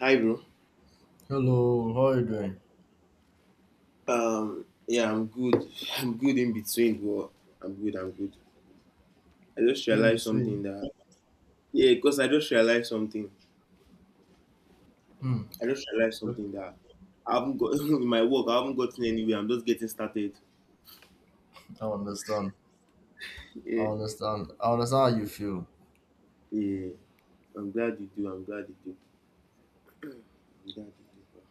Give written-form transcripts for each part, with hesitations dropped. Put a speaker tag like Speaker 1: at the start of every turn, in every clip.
Speaker 1: Hi, bro.
Speaker 2: Hello, how are you doing?
Speaker 1: Yeah, I'm good. I'm good in between, bro. I'm good. I'm good. I just
Speaker 2: In
Speaker 1: realized something
Speaker 2: between.
Speaker 1: that Yeah, because I just realized something.
Speaker 2: Hmm.
Speaker 1: I just realized
Speaker 2: Okay,
Speaker 1: something that I haven't got in my work. I haven't gotten anywhere. I'm just getting started.
Speaker 2: I understand. I
Speaker 1: Yeah,
Speaker 2: understand. I understand how you feel.
Speaker 1: yeah. I'm glad you do. I'm glad you do. I'm glad you do, bro.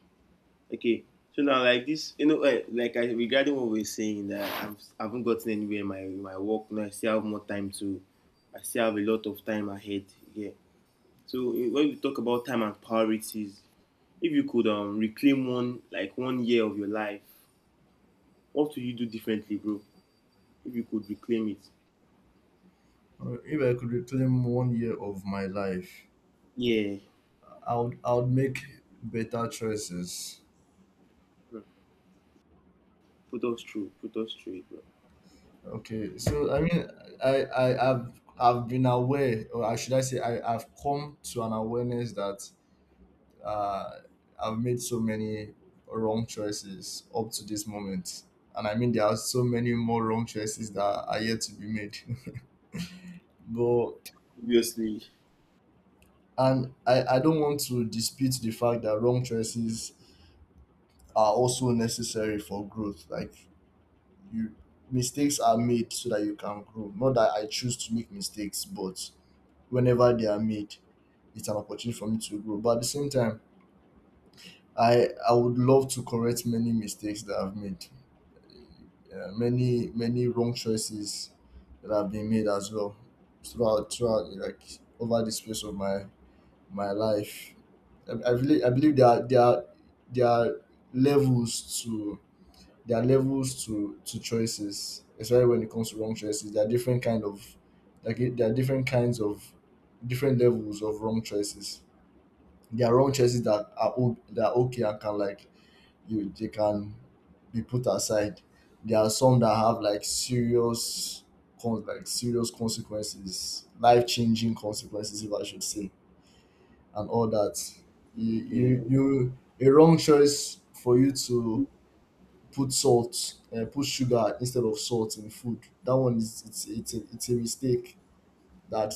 Speaker 1: Okay. So now, like this, you know, like I regarding what we are saying that I haven't gotten anywhere in my work. Now I still have more time to. I still have a lot of time ahead. Yeah. So when we talk about time and priorities, if you could reclaim one like one year of your life, what would you do differently, bro? If you could reclaim it,
Speaker 2: If I could reclaim one year of my life,
Speaker 1: yeah,
Speaker 2: I would make better choices.
Speaker 1: bro. Put us through, put us through it, bro.
Speaker 2: Okay, so I mean, I have I've been aware, or I should I say, I've come to an awareness that uh, I've made so many wrong choices up to this moment, and I mean there are so many more wrong choices that are yet to be made. but
Speaker 1: Obviously,
Speaker 2: And I don't want to dispute the fact that wrong choices are also necessary for growth. Like you, mistakes are made so that you can grow. Not that I choose to make mistakes, but whenever they are made, it's an opportunity for me to grow. But at the same time, I would love to correct many mistakes that I've made. Yeah, many many wrong choices that have been made as well throughout like over the space of my life. I really I believe there are levels to there are levels to choices, especially when it comes to wrong choices. There are different kind of like there are different kinds of different levels of wrong choices. There are wrong choices that are that are okay and can like you they can be put aside. There are some that have like serious like serious consequences, life changing consequences, if I should say and all that. You
Speaker 1: yeah,
Speaker 2: you, you a wrong choice for you to put salt, put sugar instead of salt in food. That one is it's a mistake that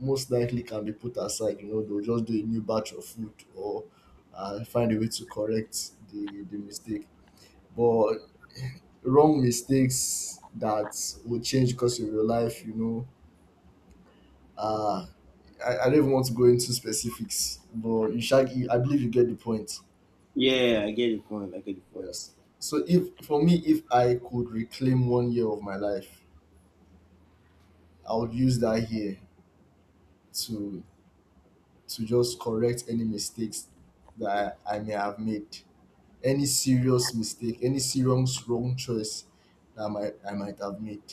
Speaker 2: most likely can be put aside. You know, they'll just do a new batch of food or find a way to correct the mistake. But wrong mistakes that will change the course of your life, you know. Uh, I don't even want to go into specifics, but I believe you get the point.
Speaker 1: yeah, I get the point. I get the point.
Speaker 2: Yes. So if for me, if I could reclaim one year of my life, I would use that year to to just correct any mistakes that I may have made, any serious mistake, any serious wrong choice that I might have made.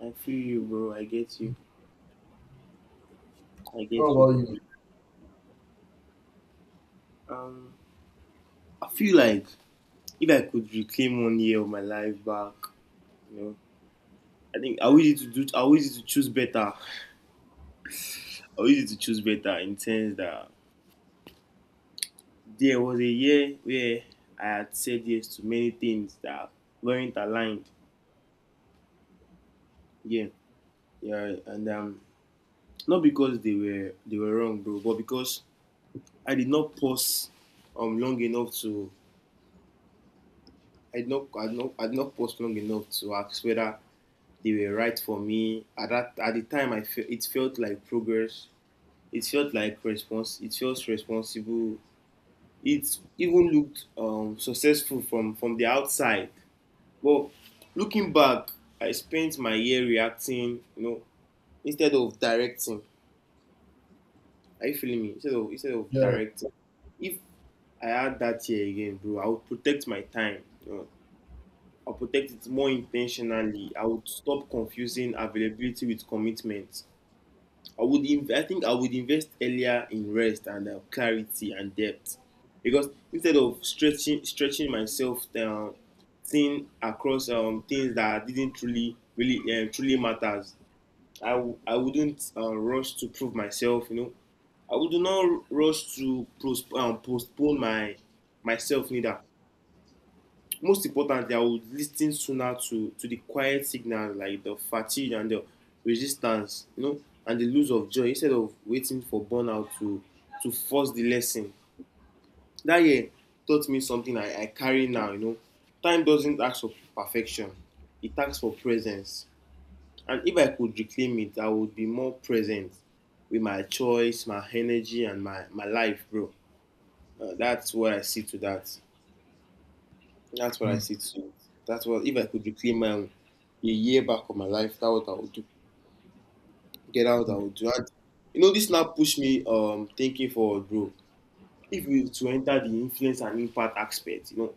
Speaker 1: I feel you, bro. I get you. I
Speaker 2: How
Speaker 1: get you,
Speaker 2: about
Speaker 1: bro.
Speaker 2: you?
Speaker 1: Um, I feel like if I could reclaim one year of my life back, you know, I think I wish it to do. I wish it to choose better. I wish it to choose better in terms that there was a year where I had said yes to many things that weren't aligned. Yeah, yeah, and not because they were wrong, bro, but because I did not pause long enough to I did not pause long enough to ask whether they were right for me. At the time, it felt like progress. It felt like response. It felt responsible. It even looked successful from the outside. But looking back, I spent my year reacting, you know, instead of directing. Are you feeling me? Instead of
Speaker 2: Yeah.
Speaker 1: directing. If I had that year again, bro, I would protect my time. You know. I'll protect it more intentionally. I would stop confusing availability with commitment. I think I would invest earlier in rest and clarity and depth because instead of stretching myself thin across things that didn't truly really truly matters. I wouldn't rush to prove myself. You know, I would not rush to postpone my myself neither. Most importantly, I would listen sooner to the quiet signals like the fatigue and the resistance, you know, and the lose of joy instead of waiting for to force the lesson. That year taught me something I carry now, you know. Time doesn't ask for perfection, it asks for presence. And if I could reclaim it, I would be more present with my choice, my energy, and my life, bro. That's what I see to that. That's what I
Speaker 2: Hmm.
Speaker 1: see too. That's what if I could reclaim my own a year back of my life, that's what I would do. Get out, I
Speaker 2: Hmm.
Speaker 1: would do. And, you know, this now push me thinking forward, bro. If you to enter the influence and impact aspect, you know,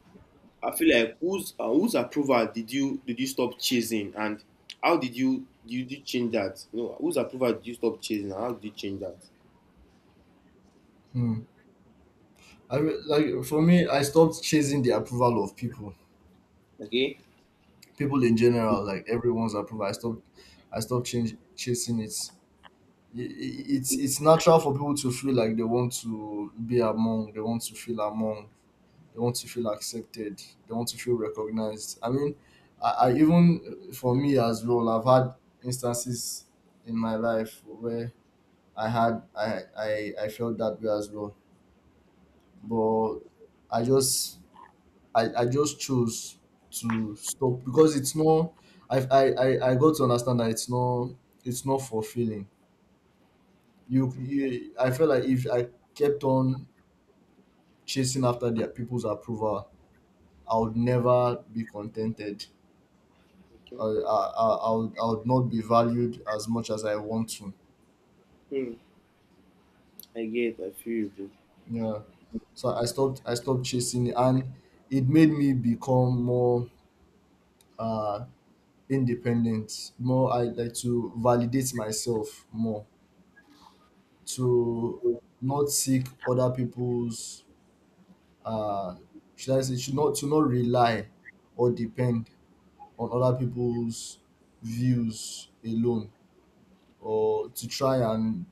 Speaker 1: I feel like whose approval did you stop chasing, and how did you change that? You know, whose approval did you stop chasing, and how did you change that?
Speaker 2: Hmm. I mean, like for me, I stopped chasing the approval of people,
Speaker 1: Okay.
Speaker 2: people in general, like everyone's approval. I stopped chasing it. It's natural for people to feel like they want to be among, they want to feel among, they want to feel accepted, they want to feel recognized. I mean, I even for me as well, I've had instances in my life where I had I felt that way as well, but I just I just chose to stop because it's not I got to understand that it's not fulfilling. You I felt like if I kept on chasing after their people's approval, I would never be contented.
Speaker 1: Okay.
Speaker 2: I would not be valued as much as I want to.
Speaker 1: Hmm. I get. I feel you, bro.
Speaker 2: Yeah. So I stopped chasing it and it made me become more uh independent, more. I like to validate myself more, to not seek other people's uh should I say should not, to not rely or depend on other people's views alone, or to try and,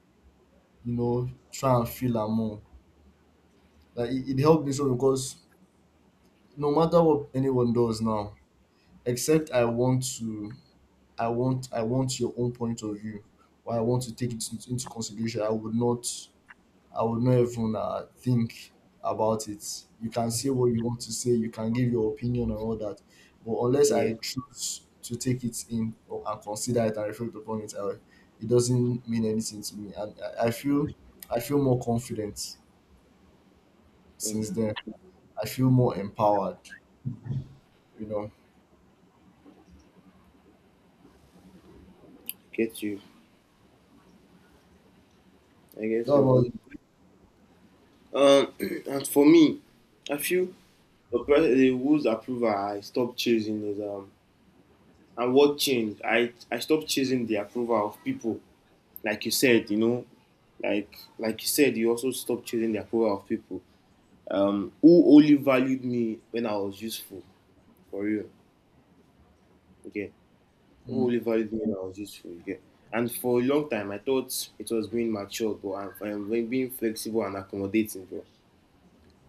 Speaker 2: you know, try and feel among. Like it helped me so because no matter what anyone does now, except I want to, I want your own point of view or I want to take it into consideration, I would not even think about it. You can say what you want to say, you can give your opinion and all that. But unless
Speaker 1: Yeah.
Speaker 2: I choose to take it in or and consider it and reflect upon it, I, it doesn't mean anything to me. And I, I feel I feel more confident
Speaker 1: Hmm.
Speaker 2: since then. I feel more empowered. You know.
Speaker 1: I get you. I
Speaker 2: That
Speaker 1: get you,
Speaker 2: about it.
Speaker 1: bro. Um, and for me, I feel the rules approval I stopped chasing is, and what changed? I stopped chasing the approval of people, like you said, you know, like you said, you also stopped chasing the approval of people. Who only valued me when I was useful, for real. Okay, who
Speaker 2: Mm,
Speaker 1: only valued me when I was useful. Okay, and for a long time, I thought it was being mature, but I'm being flexible and accommodating, bro.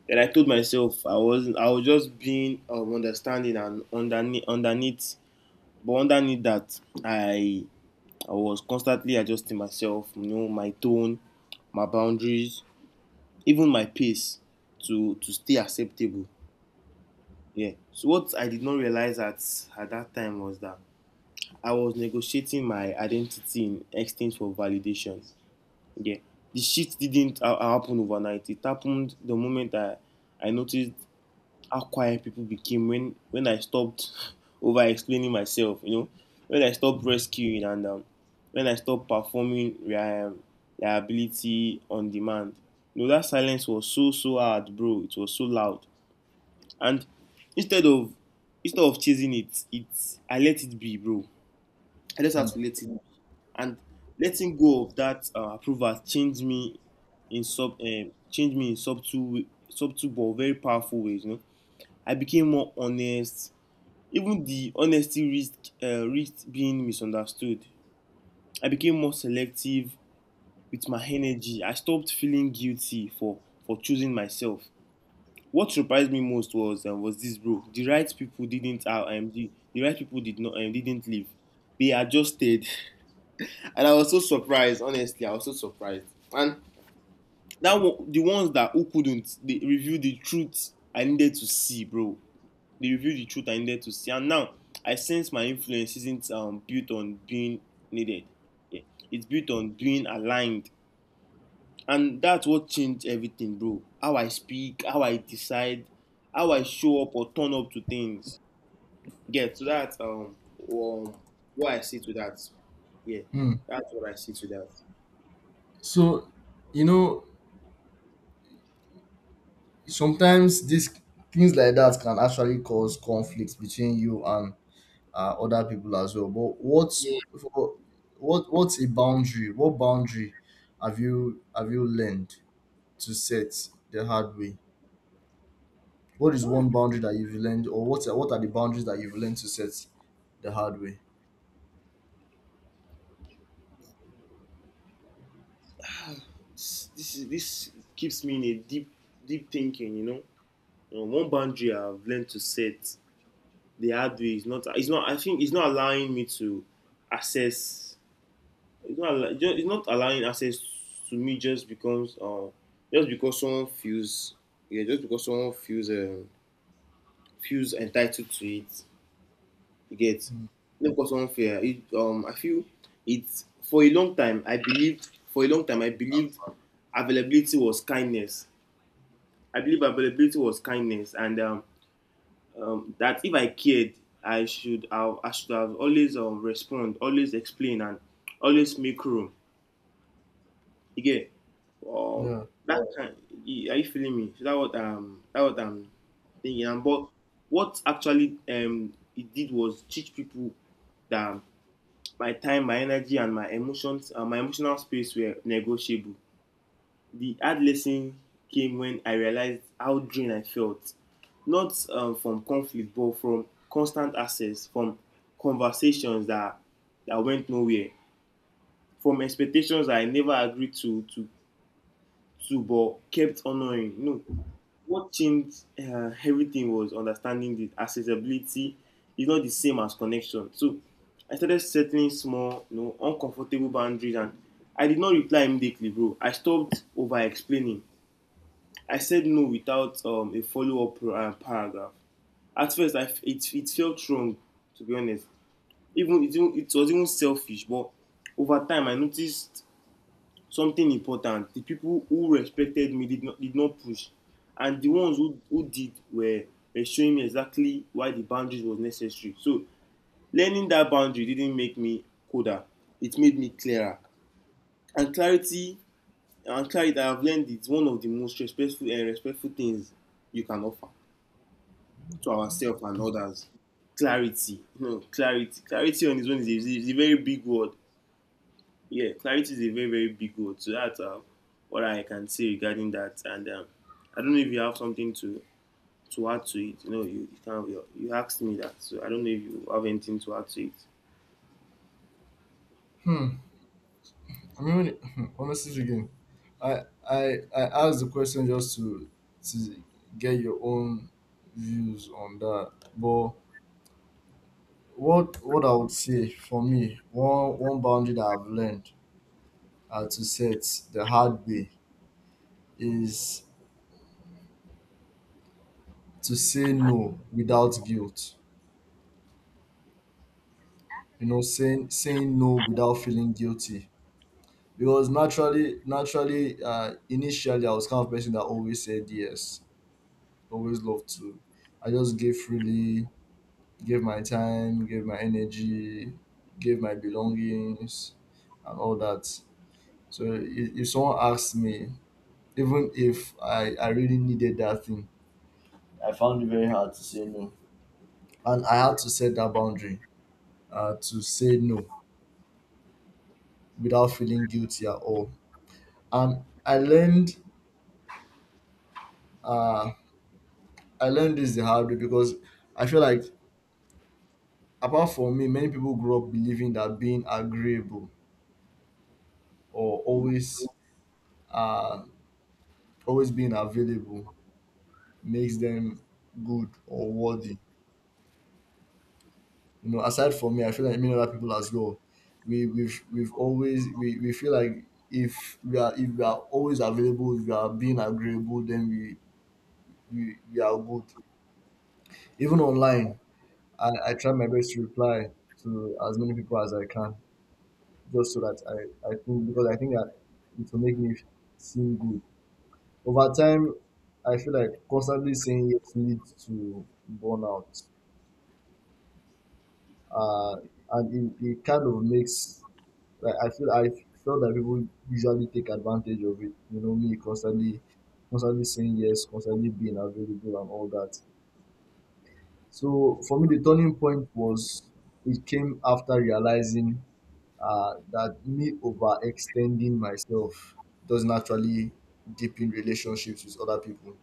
Speaker 1: Then I told myself I wasn't. I was just being understanding and underneath. But underneath that, I was constantly adjusting myself. You know, my tone, my boundaries, even my pace to stay acceptable. Yeah. So what I did not realize at that time was that I was negotiating my identity in exchange for validation. Yeah. The shit didn't ha- happen overnight. It happened the moment I noticed how quiet people became when I stopped over explaining myself. You know, when I stopped rescuing and when I stopped performing liability on demand. You know, that silence was so so hard, bro. It was so loud, and instead of instead of chasing it, it's I let it be, bro. I just
Speaker 2: mm,
Speaker 1: have to let it be. And letting go of that approval changed me in sub changed me in subtle but very powerful ways. You know, I became more honest, even the honesty risked risked being misunderstood. I became more selective with my energy. I stopped feeling guilty for choosing myself. What surprised me most was this, bro. The right people didn't the right people did not didn't leave. They adjusted. And I was so surprised, honestly, I was so surprised. And that one, the ones that who couldn't, they revealed the truth I needed to see, bro. They reveal the truth I needed to see. And now I sense my influence isn't built on being needed. Yeah. It's built on being aligned. And that's what changed everything, bro. How I speak, how I decide, how I show up or turn up to things. Yeah, so that's um what I see to that. Yeah,
Speaker 2: mm.
Speaker 1: that's what I see to that.
Speaker 2: So, you know, sometimes these things like that can actually cause conflicts between you and other people as well. But
Speaker 1: Yeah,
Speaker 2: what what's a boundary? What boundary have you learned to set the hard way? What is one boundary that you've learned, or what are the boundaries that you've learned to set the hard way?
Speaker 1: this keeps me in a deep thinking, you know. You know, one boundary I've learned to set the hard way. It's not. It's not. I think it's not allowing me to access. It's not. It's not allowing access to me just because. Just because someone feels. Yeah, just because someone feels. Feels entitled to it. You get.
Speaker 2: Hmm.
Speaker 1: Not because someone feels. I feel it's for a long time. I believed For a long time, I believed availability was kindness. I believe availability was kindness, and that if I cared, I should have always respond, always explain, and always make room. Again, um,
Speaker 2: Yeah.
Speaker 1: that kind, are you feeling me? So that what I'm thinking. And but what actually it did was teach people that my time, my energy, and my emotions, my emotional space were negotiable. The hard lesson came when I realized how drained I felt, not from conflict, but from constant access, from conversations that, that went nowhere, from expectations that I never agreed to but kept honoring. You know, what changed everything was understanding that accessibility is not the same as connection. So I started setting small, you know, uncomfortable boundaries, and I did not reply immediately, bro. I stopped over explaining. I said no without a follow up paragraph. At first, it felt wrong, to be honest. Even it was even selfish, but over time, I noticed something important. The people who respected me did not push, and the ones who did were showing me exactly why the boundaries was necessary. So, learning that boundary didn't make me colder, it made me clearer. And clarity, and clarity I have learned is one of the most respectful and respectful things you can offer to ourselves and others. Clarity, you know, Clarity on its own is is a very big word. Yeah, clarity is a very, very big word. So that's what I can say regarding that. And I don't know if you have something to add to it. You know, you asked me that. So I don't know if you have anything to add to it.
Speaker 2: Hmm. I mean, honestly speaking, I I asked the question just to get your own views on that, but what I would say, for me, one one boundary that I've learned are to set the hard way is to say no without guilt. You know, saying no without feeling guilty, because naturally, initially I was kind of person that always said yes, always loved to, I just gave freely, gave my time, gave my energy, gave my belongings and all that. So if someone asked me, even if I I really needed that thing, I found it very hard to say no. And I had to set that boundary to say no without feeling guilty at all. And uh, I learned this the hard way, because I feel like apart from me, many people grew up believing that being agreeable or always uh, always being available makes them good or worthy. You know, aside from me, I feel like many other people as well. We we've always we feel like if we are, if we are always available, if we are being agreeable, then we you are good. Even online, I try my best to reply to as many people as I can, just so that I think, because I think that it will make me seem good. Over time, I feel like constantly saying yes leads to burnout, uh, and it kind of makes like I feel that people usually take advantage of it. You know, me constantly saying yes, constantly being available and all that. So for me, the turning point was it came after realizing that me overextending myself doesn't actually deepen relationships with other people.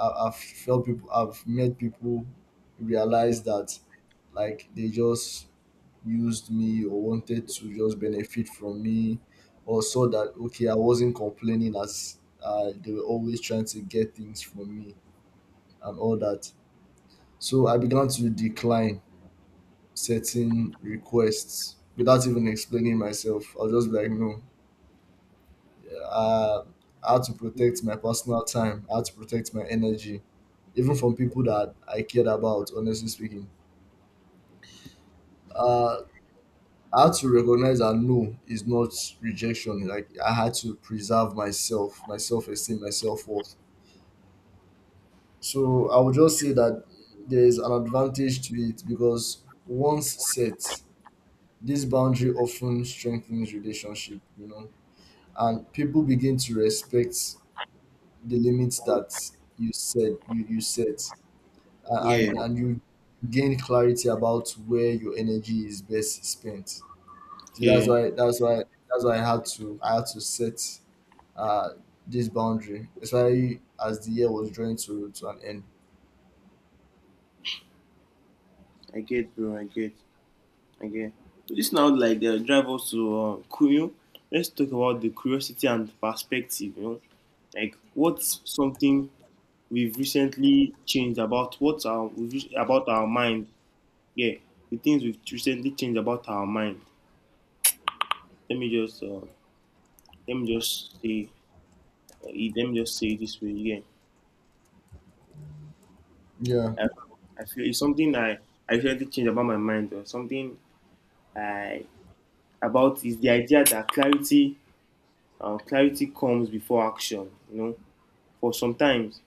Speaker 2: I've met people, realize that like they just used me or wanted to just benefit from me, or saw that okay I wasn't complaining as they were always trying to get things from me and all that. So I began to decline certain requests without even explaining myself. I'll just be like, no, uh, I had to protect my personal time. I had to protect my energy, even from people that I cared about, honestly speaking. Uh, I had to recognize that no is not rejection. Like I had to preserve myself, my self-esteem, my self-worth. So I would just say that there is an advantage to it, because once set, this boundary often strengthens relationship. You know, and people begin to respect the limits that you, you set,
Speaker 1: Yeah,
Speaker 2: and you gain clarity about where your energy is best spent. So
Speaker 1: yeah.
Speaker 2: that's why I had to, I had to set uh this boundary, especially as the year was drawing to an end.
Speaker 1: I get, bro. I get. I get. So this now like the drive us to Kuyo. Let's talk about the curiosity and perspective. You know, like what's something we've recently changed about what's our we've, re- about our mind. Yeah, the things we've recently changed about our mind. Let me just say let me just say it this way. Yeah,
Speaker 2: Yeah.
Speaker 1: I, I feel it's something I recently changed about my mind or something I about is the idea that clarity comes before action. You know, for sometimes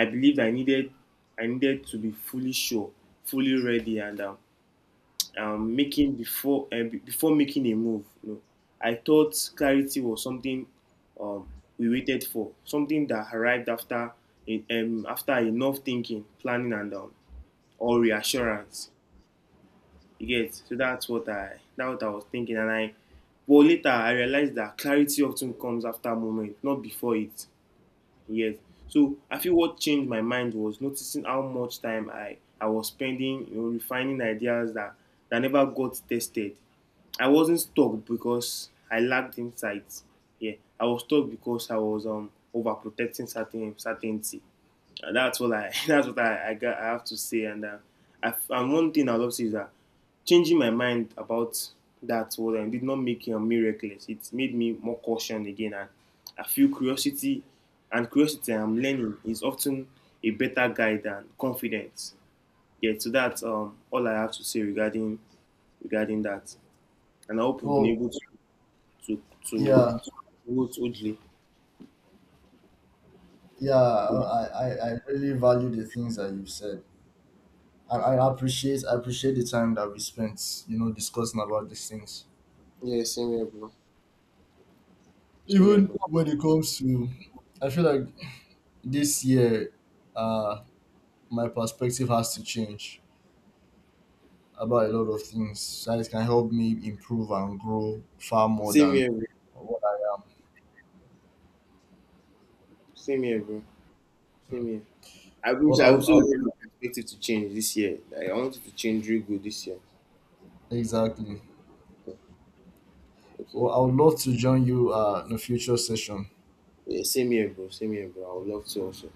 Speaker 1: I needed to be fully sure, fully ready, and making before before making a move. You know, I thought clarity was something um, we waited for, something that arrived after enough thinking, planning, and all reassurance. You get, so that's what I was thinking, and I but later I realized that clarity often comes after moment, not before it. Yes. So I feel what changed my mind was noticing how much time I was spending, you know, refining ideas that never got tested. I wasn't stuck because I lacked insight. Yeah. I was stuck because I was overprotecting certainty. And that's what I that's what I got, I have to say. And one thing I love to say is that changing my mind about that was and did not make me reckless. It made me more cautious again, and I feel curiosity I'm learning is often a better guide than confidence. Yeah, so that's all I have to say regarding regarding that. And I hope we've been
Speaker 2: Well,
Speaker 1: able to to to,
Speaker 2: yeah,
Speaker 1: to, to Oddly.
Speaker 2: yeah, I really value the things that you've said. I appreciate, I appreciate the time that we spent, you know, discussing about these things.
Speaker 1: Yeah, same here, bro. Same here,
Speaker 2: Even
Speaker 1: bro.
Speaker 2: when it comes to, I feel like this year, uh, my perspective has to change about a lot of things, so it can help me improve and grow far more
Speaker 1: Same
Speaker 2: than
Speaker 1: here, bro.
Speaker 2: what I
Speaker 1: Same here, bro. Same
Speaker 2: am.
Speaker 1: here. I
Speaker 2: Well,
Speaker 1: wish
Speaker 2: I
Speaker 1: I also
Speaker 2: would,
Speaker 1: want my perspective to change this year. Like I want it to change real good this year.
Speaker 2: exactly.
Speaker 1: Okay.
Speaker 2: Well, I would love to join you in a future session.
Speaker 1: Yeah, same here, bro. Same here, bro. I would love to also.